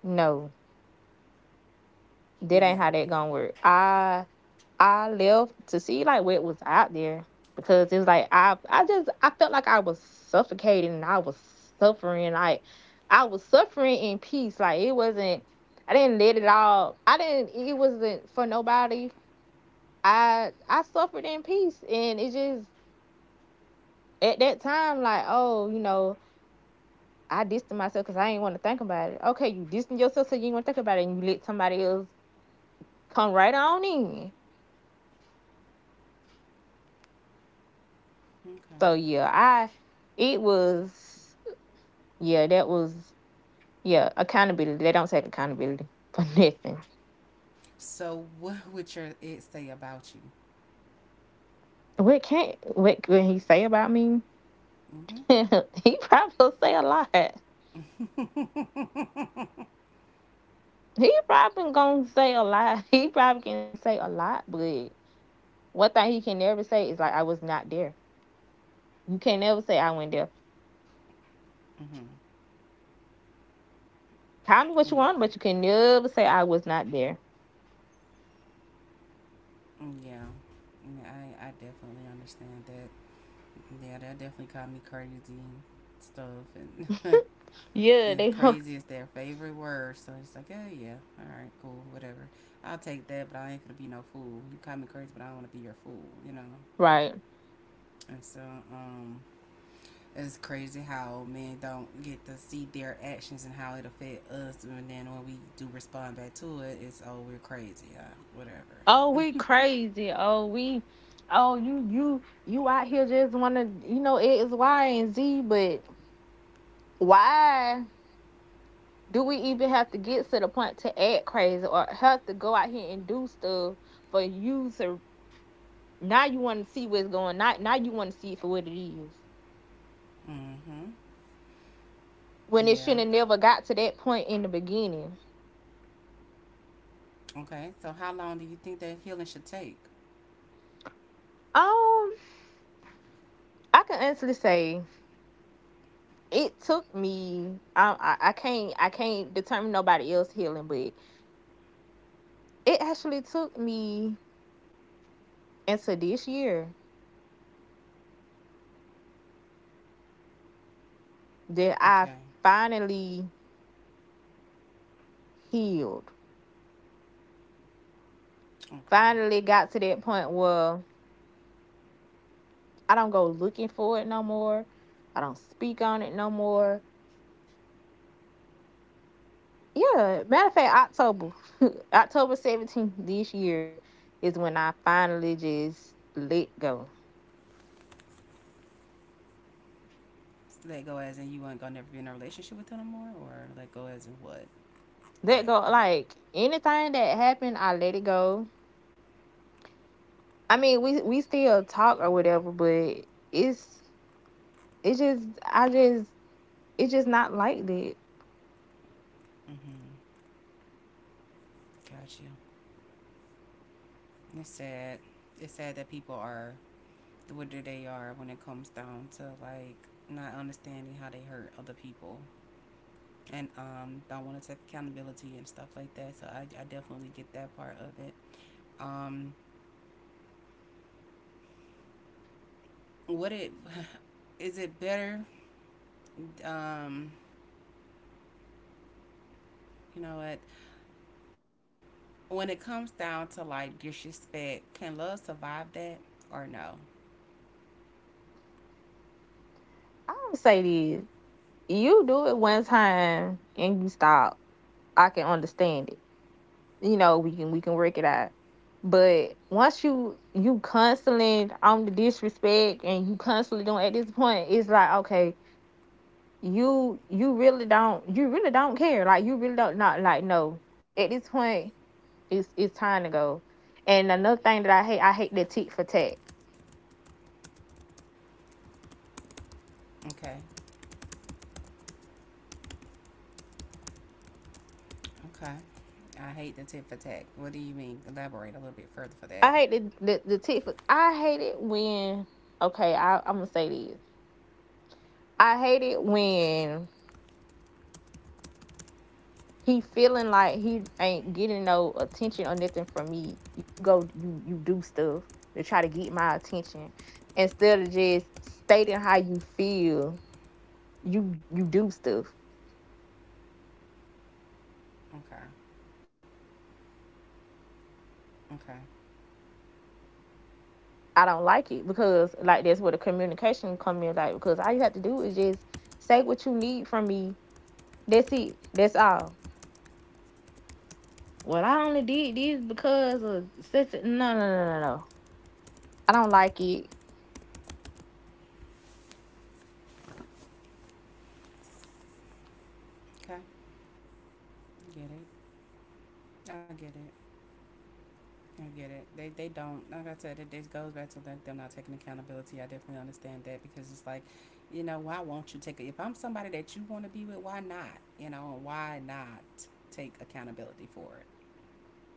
B: No, that ain't
A: Yeah.
B: how that gonna work. I I left to see like what was out there because it was like I I just I felt like I was suffocating, and I was suffering like I was suffering in peace. Like it wasn't. I didn't let it all. I didn't. It wasn't for nobody. I I suffered in peace, and it just at that time, like, oh, you know, I dissed myself because I didn't want to think about it. Okay, you dissing yourself so you didn't want to think about it, and you let somebody else come right on in.
A: Okay.
B: So yeah, I, it was, yeah, that was, yeah, accountability. They don't take accountability *laughs* for nothing.
A: So, what *laughs* would your ex say about
B: What can't what can he say about me?
A: you?
B: *laughs* He probably say a lot.
A: Mm-hmm.
B: He probably gonna say a lot. *laughs* He probably can say a lot, but one thing he can never say is like I was not there. You can never say I went there.
A: Hmm.
B: Tell me what
A: *laughs*
B: you
A: Yeah.
B: want, but you can never say I was not there.
A: Yeah. Yeah, I, I definitely understand that. Yeah, that definitely called me crazy and stuff. And *laughs*
B: Yeah,
A: it's
B: they
A: crazy. It's their favorite word. So it's like, oh yeah, all right, cool, whatever. I'll take that, but I ain't gonna be no fool. You call me crazy, but I don't want to be your fool, you know.
B: *laughs* right.
A: And so, um, it's crazy how men don't get to see their actions and how it affect us, and then when we do respond back to it, it's oh we're crazy, uh,
B: Oh, we
A: whatever.
B: crazy. Oh, we. Oh, you you you out here just want to you know it is Y and Z, but why do we even have to get to the point to act crazy or have to go out here and do stuff for you to now you want to see what's going, now now you want to see it for what it is
A: Mm-hmm.
B: when it
A: Yeah.
B: shouldn't have never got to that point in the beginning.
A: Okay. So how long do you think that healing should take?
B: Um, I can honestly say, it took me, I, I I can't I can't determine nobody else healing, but it actually took me into this year that I
A: Okay.
B: finally healed.
A: Okay.
B: Finally got to that point where I don't go looking for it no more. I don't speak on it no more. Yeah, matter of fact, October, *laughs* October seventeenth this year is when I finally just let go.
A: So let go as in you ain't gonna never be in a relationship with them no more, or let go as in what?
B: Let go,
A: Exactly.
B: like anything that happened, I let it go. I mean, we we still talk or whatever, but it's it's just, I just, it's just not like that.
A: Mm-hmm. Gotcha. It's sad. It's sad that people are what they are when it comes down to like not understanding how they hurt other people and um don't want to take accountability and stuff like that. So I, I definitely get that part of it. Um, what it *sighs* is it better? Um, you know what? When it comes down to like disrespect, can love survive that or no?
B: I don't say this. You do it one time and you stop. I can understand it. You know, we can we can work it out. But once you you constantly on the disrespect, and you constantly don't, at this point, it's like, okay, you you really don't, you really don't care. Like you really don't, not like no. At this point, It's it's time to go. And another thing that I hate, I hate the tit for tat.
A: Okay. Okay. I hate the tit for tat. What do you mean? Elaborate a little bit further for that.
B: I hate the, the, the tit for. I hate it when. Okay, I, I'm gonna say this. I hate it when he feeling like he ain't getting no attention or nothing from me. You go, you you do stuff to try to get my attention instead of just stating how you feel. You you do stuff.
A: Okay. Okay.
B: I don't like it because, like, that's where the communication come in. Like, because all you have to do is just say what you need from me. That's it. That's all. Well, I only did this because of such. A, no, no, no, no, no. I don't like it.
A: Okay. Get it. I get it. I get it. They they don't like I said. It it goes back to like them not taking accountability. I definitely understand that because it's like, you know, why won't you take it? If I'm somebody that you want to be with, why not? You know, why not take accountability for it?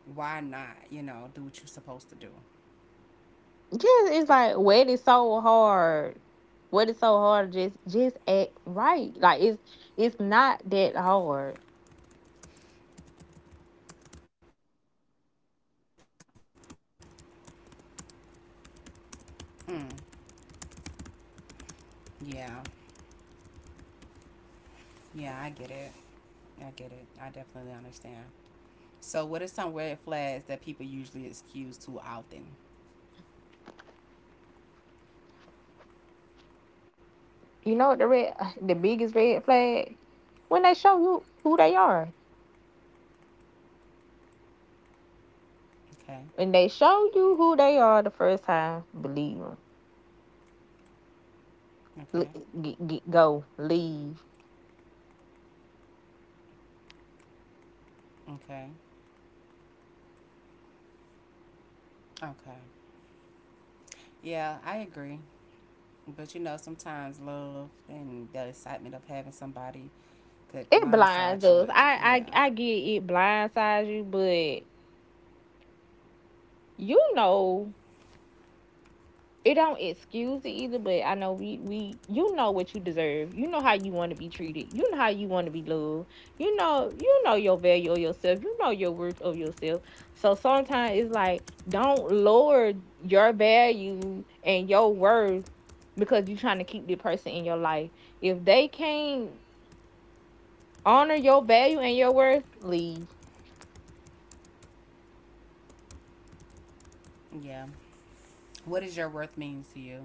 A: Why not? You know, do what you're supposed to do.
B: Just
A: Eh,
B: it's like, what is so hard. What is so hard? Just just act right. Like it's it's not that hard.
A: Mm, yeah. Yeah. I get it. I get it. I definitely understand. So, what are some red flags that people usually excuse too often?
B: You know what, the red *sighs* the biggest red flag when they show you who they are.
A: Okay,
B: When they show you who they are the first time, believe them.
A: okay,
B: L- Get, get, go leave.
A: okay, okay. Yeah, I agree. But you know, sometimes love and the excitement of having somebody could
B: It
A: blindside
B: blinds
A: you. At,
B: us.
A: yeah,
B: I I I get, it blindsides you, but you know it don't excuse it either, but I know, we we you know what you deserve, you know how you want to be treated, you know how you want to be loved, you know you know your value of yourself, you know your worth of yourself. So sometimes it's like, don't lower your value and your worth because you're trying to keep the person in your life. If they can't honor your value and your worth, leave.
A: yeah. What is your worth means to you?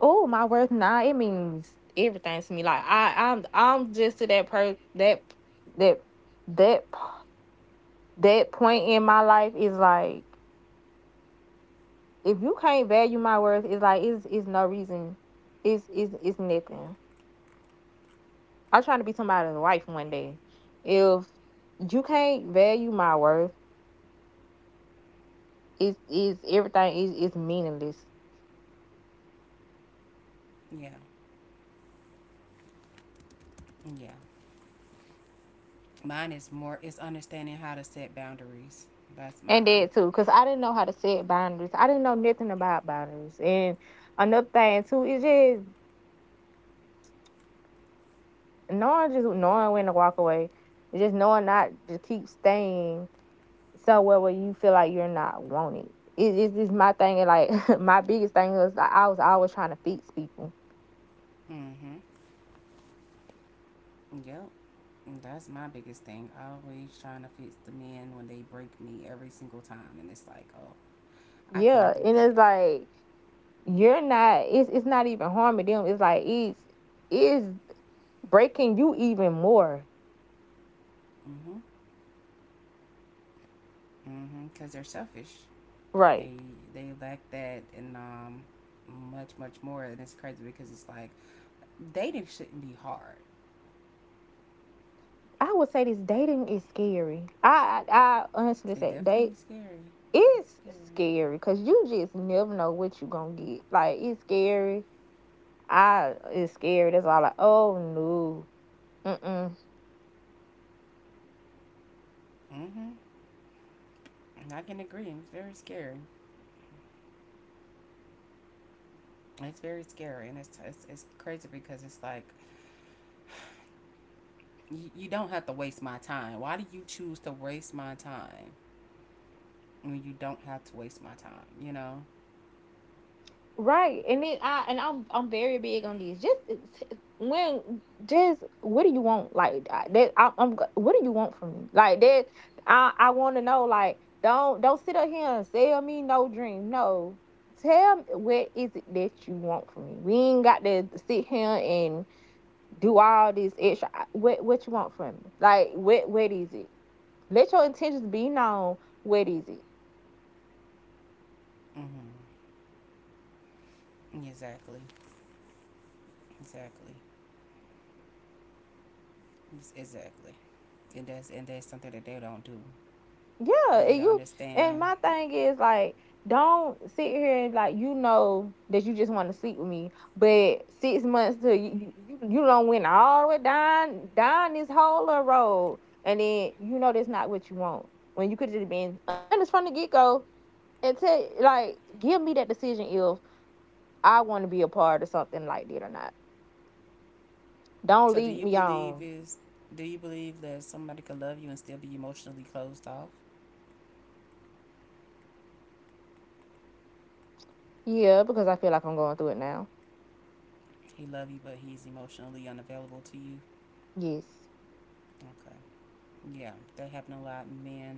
B: Oh, my worth now, it means everything to me. Like I, I'm, I'm just, to that per that, that that that point in my life, is like, if you can't value my worth, it's like, it's it's no reason, it's it's it's nothing. I'm trying to be somebody's wife one day. If you can't value my worth, it's, is everything is is meaningless.
A: Yeah, yeah. Mine is more. It's understanding how to set boundaries. That's
B: And
A: mine.
B: that too, cause I didn't know how to set boundaries. I didn't know nothing about boundaries. And another thing too is just knowing, just knowing when to walk away, just knowing not to keep staying somewhere where you feel like you're not wanted. It is this my thing, and like *laughs* my biggest thing was like I was always trying to fix people.
A: Mm-hmm. Yep. That's my biggest thing. Always trying to fix the men when they break me every single time, and it's like, oh, I can't
B: Yeah,
A: do
B: and
A: that.
B: it's like you're not. It's it's not even harming them. It's like it's it's breaking you even more.
A: Mhm. Mhm. Because they're selfish. They
B: Right.
A: they lack that and um much much more, and it's crazy because it's like dating shouldn't be hard.
B: I would say this, dating is scary. I I, I honestly
A: It
B: say,
A: definitely
B: date
A: scary. It's
B: it's
A: scary.
B: scary, because you just never know what you're gonna get. Like it's scary, I is scared. That's all. Like, oh no, mm-mm.
A: Mhm. And I can agree. It's very scary. It's very scary, and it's it's, it's crazy because it's like you, you don't have to waste my time. Why do you choose to waste my time when you don't have to waste my time? You know.
B: Right, and then I and I'm I'm very big on these. Just when just what do you want? Like that. I, I'm What do you want from me? Like that. I I want to know. Like don't don't sit up here and sell me no dream. No, tell me what is it that you want from me. We ain't got to sit here and do all this extra. What what you want from me? Like what what is it? Let your intentions be known. What is it?
A: Mhm. Exactly. Exactly. Yes, exactly. And that's and that's something that they don't do and
B: Yeah,
A: they don't
B: and you
A: understand.
B: and my thing is like, don't sit here and like you know that you just want to sleep with me, but six months to you you you don't went all the way down down this whole little road, and then you know that's not what you want. When you could just been honest from the get go and tell like give me that decision if I want to be a part of something like that or not.
A: So
B: Don't
A: do you
B: lead me
A: believe
B: on.
A: is do you believe that somebody could love you and still be emotionally closed off?
B: Yeah, because I feel like I'm going through it now.
A: He love you but he's emotionally unavailable to you?
B: Yes,
A: Okay. Yeah, that happen a lot in men.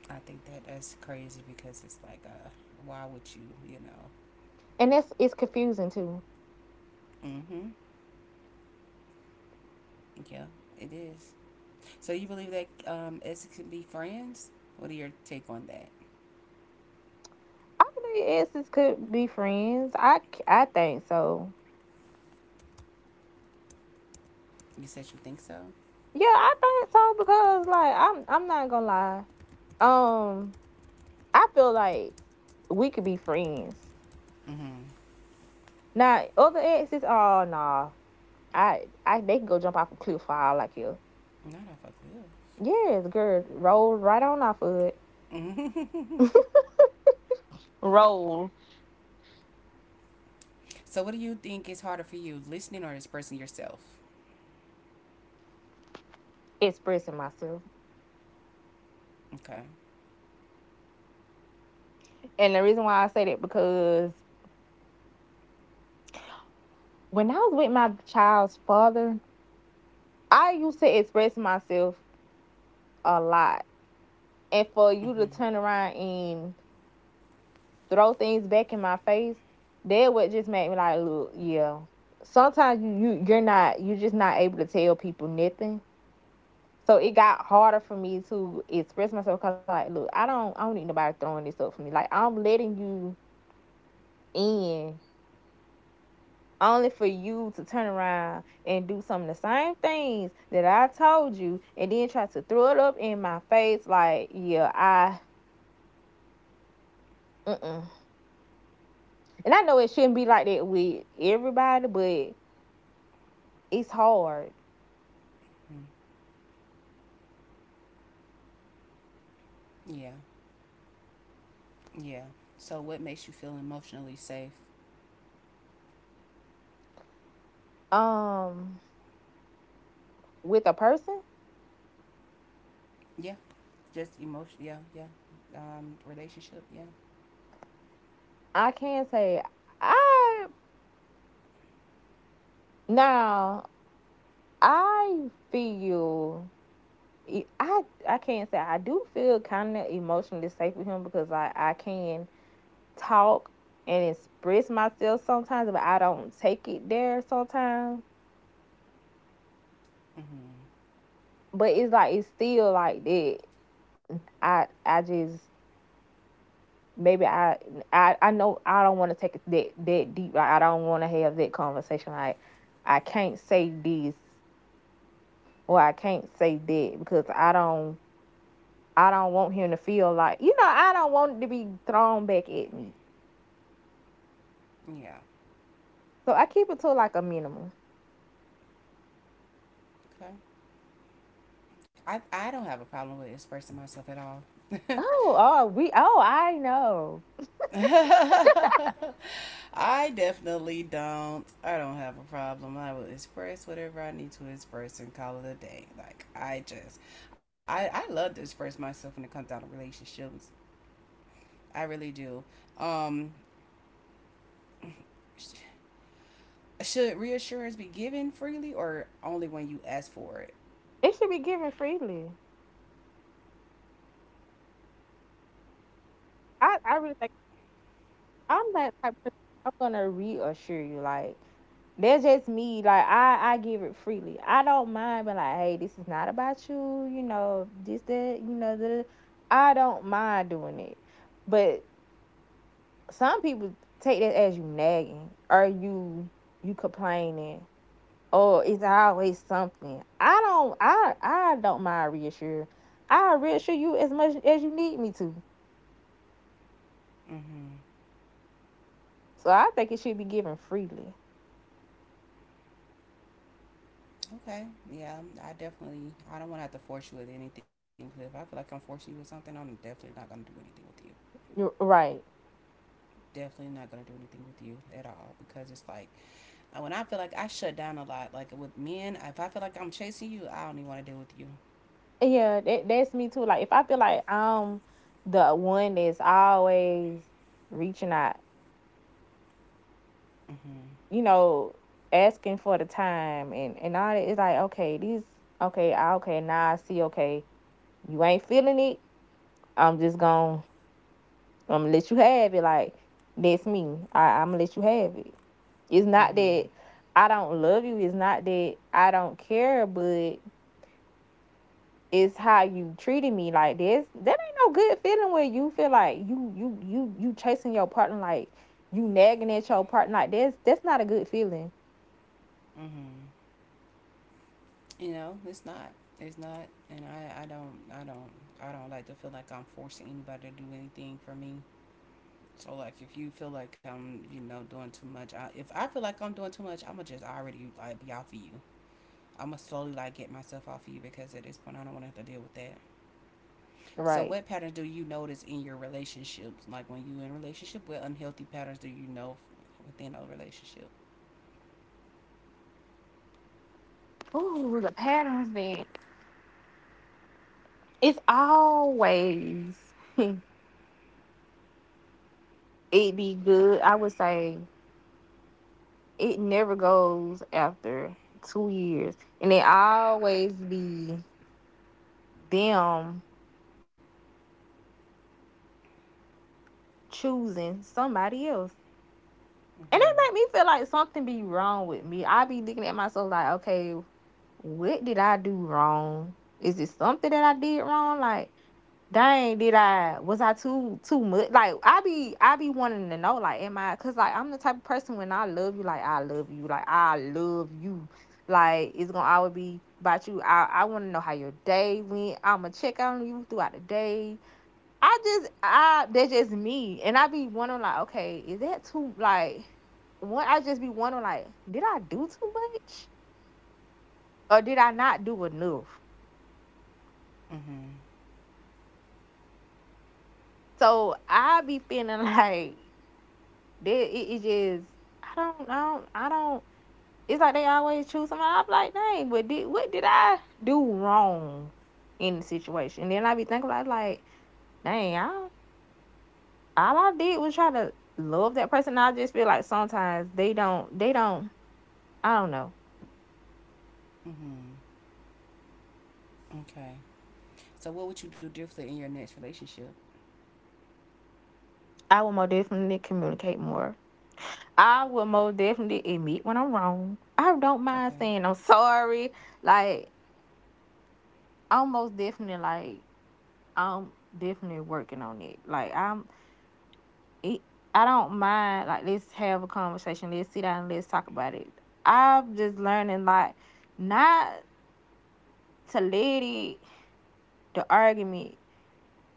A: I think that that's crazy because it's like uh why would you you know.
B: and that's it's confusing too.
A: Mm-hmm. Yeah, it is. So you believe that um exes can be friends? What are your take on that?
B: I believe exes could be friends. I, c- I think so.
A: You said you think so?
B: Yeah, I think so because like I'm I'm not gonna lie. Um, I feel like we could be friends.
A: Mm-hmm.
B: Now other exes, oh nah. I I they can go jump off a cliff for all I care.
A: Not off a good.
B: Yes, girl, roll right on off of it.
A: Mm-hmm.
B: Roll
A: So, what do you think is harder for you, listening or expressing yourself?
B: expressing myself.
A: Okay.
B: And the reason why I say that because when I was with my child's father, I used to express myself a lot and for you
A: Mm-hmm.
B: to turn around and throw things back in my face, that would just make me like, look, yeah. Sometimes you, you you're not you're just not able to tell people nothing. So it got harder for me to express myself because I like, look, I don't I don't need nobody throwing this up for me. Like I'm letting you in only for you to turn around and do some of the same things that I told you and then try to throw it up in my face like, yeah, I mm-mm. And I know it shouldn't be like that with everybody, but it's hard.
A: Mm. Yeah. Yeah. So, what makes you feel emotionally safe?
B: Um, with a person,
A: Yeah. Just emotion. Yeah. Yeah. Um, relationship. Yeah.
B: I can say I now I feel e, I I can't say I do feel kind of emotionally safe with him because I I can talk and express myself sometimes, but I don't take it there sometimes.
A: Mm-hmm.
B: But it's like it's still like that. I I just maybe I I I know I don't want to take it that that deep. Like I don't want to have that conversation. Like I can't say this or I can't say that because I don't I don't want him to feel like you know I don't want it to be thrown back at me.
A: Yeah.
B: So I keep it to like a minimum.
A: Okay. I I don't have a problem with expressing myself at all.
B: Oh oh we oh I know
A: *laughs* I definitely don't. I don't have a problem. I will express whatever I need to express and call it a day. Like I just, I I love to express myself when it comes down to relationships. I really do. Um, sh- should reassurance be given freely or only when you ask for it?
B: it should be given freely. I I really think. I'm that type of person. I'm gonna reassure you, like that's just me. Like I, I give it freely. I don't mind being like, hey, this is not about you. You know this, that. You know that. I don't mind doing it, but some people take that as you nagging or you you complaining or it's always something. I don't. I I don't mind reassure. I reassure you as much as you need me to.
A: Mm-hmm.
B: So I think it should be given freely.
A: Okay. Yeah. I definitely. I don't want to have to force you with anything, 'cause if I feel like I'm forcing you with something, I'm definitely not gonna do anything with you.
B: You're right.
A: Definitely not gonna do anything with you at all because it's like uh, when I feel like I shut down a lot. Like with men, if I feel like I'm chasing you, I don't even want to deal with you.
B: Yeah, that that's me too. Like if I feel like I'm the one that's always reaching out,
A: Mm-hmm.
B: you know, asking for the time and and all that, it's like okay, these okay, I- okay, now I see. Okay, you ain't feeling it. I'm just gonna I'm gonna let you have it. Like that's me. I, I'm gonna let you have it. It's not
A: Mm-hmm.
B: that I don't love you. It's not that I don't care, but is how you treating me like this. That ain't no good feeling where you feel like you you you you chasing your partner like you nagging at your partner like this. That's not a good feeling,
A: Mm-hmm. You know, it's not. It's not. And I, I don't. I don't. I don't like to feel like I'm forcing anybody to do anything for me. So like, if you feel like I'm, you know, doing too much, I, if I feel like I'm doing too much, I'ma just already like be off of you. I'ma slowly like get myself off of you because at this point I don't want to have to deal with that. So
B: right?
A: what patterns do you notice in your relationships? Like when you in a relationship, what unhealthy patterns do you know within a relationship?
B: Ooh, the patterns then. It's always *laughs* it be good. I would say it never goes after two years, and it always be them choosing somebody else. And
A: Mhm.
B: that make me feel like something be wrong with me. I be looking at myself like, okay, what did I do wrong? Is it something that I did wrong? Like, dang, did I was I too too much? Like, I be I be wanting to know, like, am I? Cause like I'm the type of person when I love you, like I love you, like I love you, like it's gonna always be about you. I I want to know how your day went. I'ma check on you throughout the day. I just I that's just me, and I be wondering like, okay, is that too like? One, I just be wondering like, did I do too much or did I not do enough?
A: Mhm.
B: So I be feeling *laughs* like that. It, it just I don't I don't I don't. It's like they always choose somebody. I'm like, dang, but did what did I do wrong in the situation? And then I be thinking like, like, dang, I don't- all I did was try to love that person. I just feel like sometimes they don't they don't. I don't know.
A: Mhm. Okay. So what would you do differently in your next relationship?
B: I will more definitely communicate more. I will most definitely admit when I'm wrong. I don't mind
A: Okay.
B: saying I'm sorry. Like, I'm most definitely like I'm definitely working on it. Like I'm it I don't mind like let's have a conversation. Let's sit down and let's talk about it. I'm just learning like not to let it the argument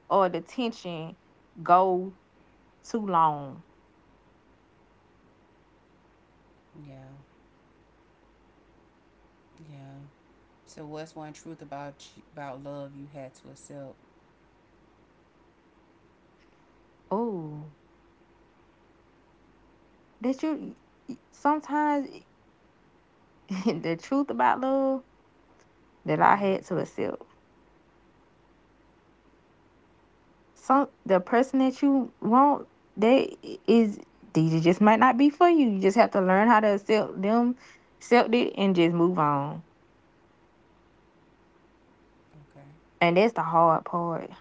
B: or the tension go too long.
A: Yeah. Yeah. So what's one truth about about love you had to accept?
B: Oh, that you sometimes *laughs* the truth about love that I
A: Mhm.
B: had to accept some the person that you want they is they just might not be for you. You just have to learn how to accept them, accept it, and just move on.
A: Okay.
B: And that's the hard part,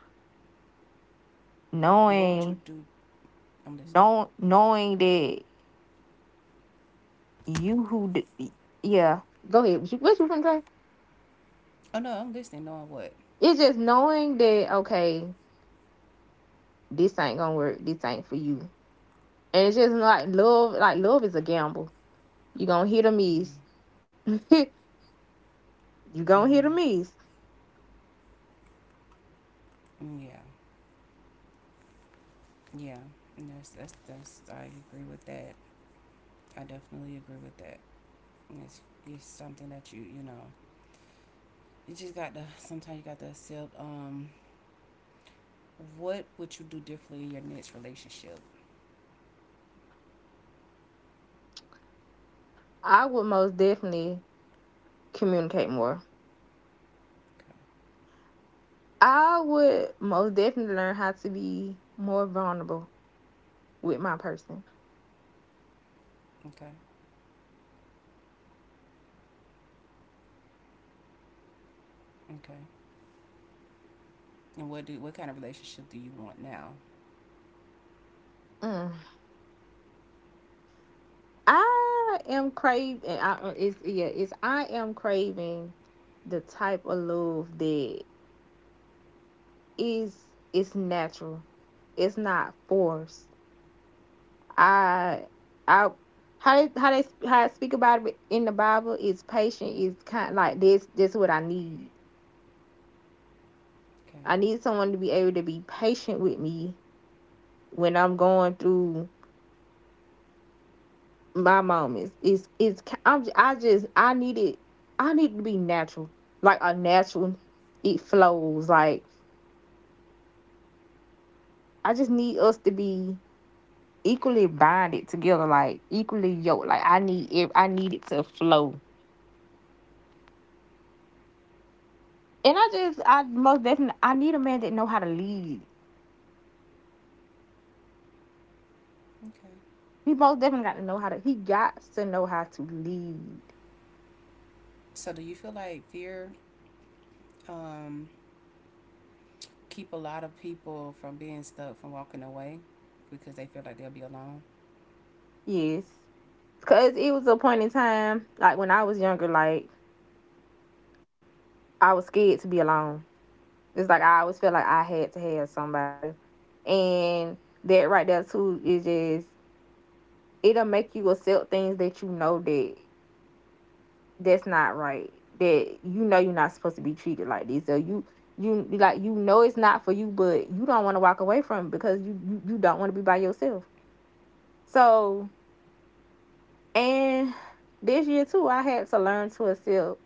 A: What would you
B: knowing,
A: do? I'm listening.
B: know, knowing that you who, d- yeah. Go ahead. What you, what you going say?
A: Oh no, I'm listening. Knowing what?
B: It's just knowing that okay, this ain't gonna work. This ain't for you. And it's just like love. Like love is a gamble. You gonna hit or
A: Mhm.
B: miss. *laughs* you gonna
A: Mhm.
B: hit or miss.
A: Mm, yeah. Yeah. And that's that's that's. I agree with that. I definitely agree with that. It's, it's something that you you know you just got to *laughs* sometimes you got to accept um what would you do differently in your next relationship?
B: I would most definitely communicate more.
A: Okay.
B: I would most definitely learn how to be more vulnerable with my person.
A: Okay. Okay. And what do what kind of relationship do you want now?
B: Mm. I am craving. I, uh, it's yeah. It's I am craving the type of love that is it's natural. It's not forced. I I how they, how they how I speak about it in the Bible is patient. Is kind of like this. This is what I need.
A: Okay.
B: I need someone to be able to be patient with me when I'm going through my moments. It's it's i am I just I need it. I need it to be natural, like a natural. It flows like I just need us to be equally bonded together, like equally yoked. Like I need it. I need it to flow. And I just I most definitely I need a man that know how to lead.
A: Okay.
B: He most definitely got to know how to. He got to know how to lead.
A: So do you feel like fear um keep a lot of people from being stuck from walking away because they feel like they'll be alone?
B: Yes, because it was a point in time like when I was younger, like I was scared to be alone. It's like I always feel like I had to have somebody. And that right there too is just it'll make you accept things that you know that that's not right. That you know you're not supposed to be treated like this. So you you like you know it's not for you, but you don't want to walk away from it because you you, you don't want to be by yourself. So and this year too I had to learn to accept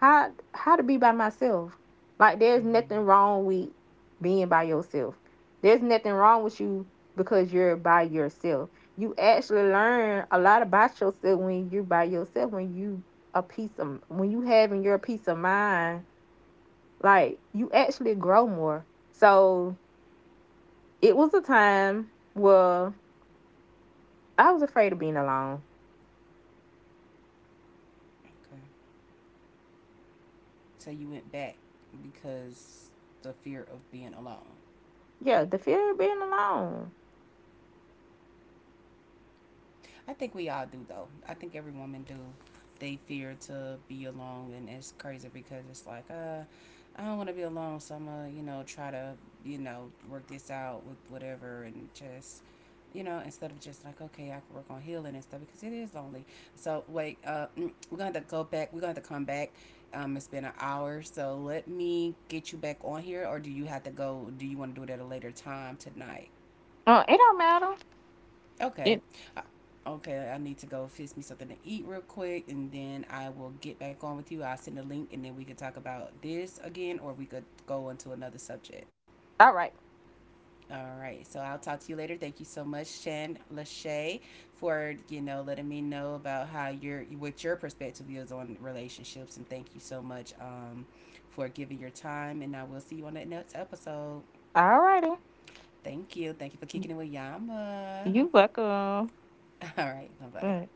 B: how how to be by myself. Like there's
A: Mm-hmm.
B: nothing wrong with being by yourself. There's nothing wrong with you because you're by yourself. You actually learn a lot about yourself when you're by yourself, when you a piece of when you having your peace of mind, like you actually grow more. So it was a time where I was afraid of being alone.
A: Okay. So you went back because the fear of being alone?
B: Yeah, the fear of being alone.
A: I think we all do though. I think every woman do. They fear to be alone, and it's crazy because it's like, uh, I don't want to be alone, so I'm gonna, you know, try to, you know, work this out with whatever, and just, you know, instead of just like, okay, I can work on healing and stuff because it is lonely. So wait, uh, mm, we're gonna have to go back. We're gonna have to come back. Um, it's been an hour, so let me get you back on here, or do you have to go? Do you want to do it at a later time tonight?
B: Uh, it don't matter.
A: Okay.
B: It
A: I- Okay, I need to go fix me something to eat real quick and then I will get back on with you. I'll send a link and then we can talk about this again or we could go into another subject.
B: all right.
A: All right. So I'll talk to you later. Thank you so much, Shan Lachey, for, you know, letting me know about how your what your perspective is on relationships and thank you so much um for giving your time and I will see you on that next episode.
B: All righty.
A: Thank you. Thank you for kicking it with Yama.
B: You welcome.
A: *laughs* All right. Bye-bye.
B: Right.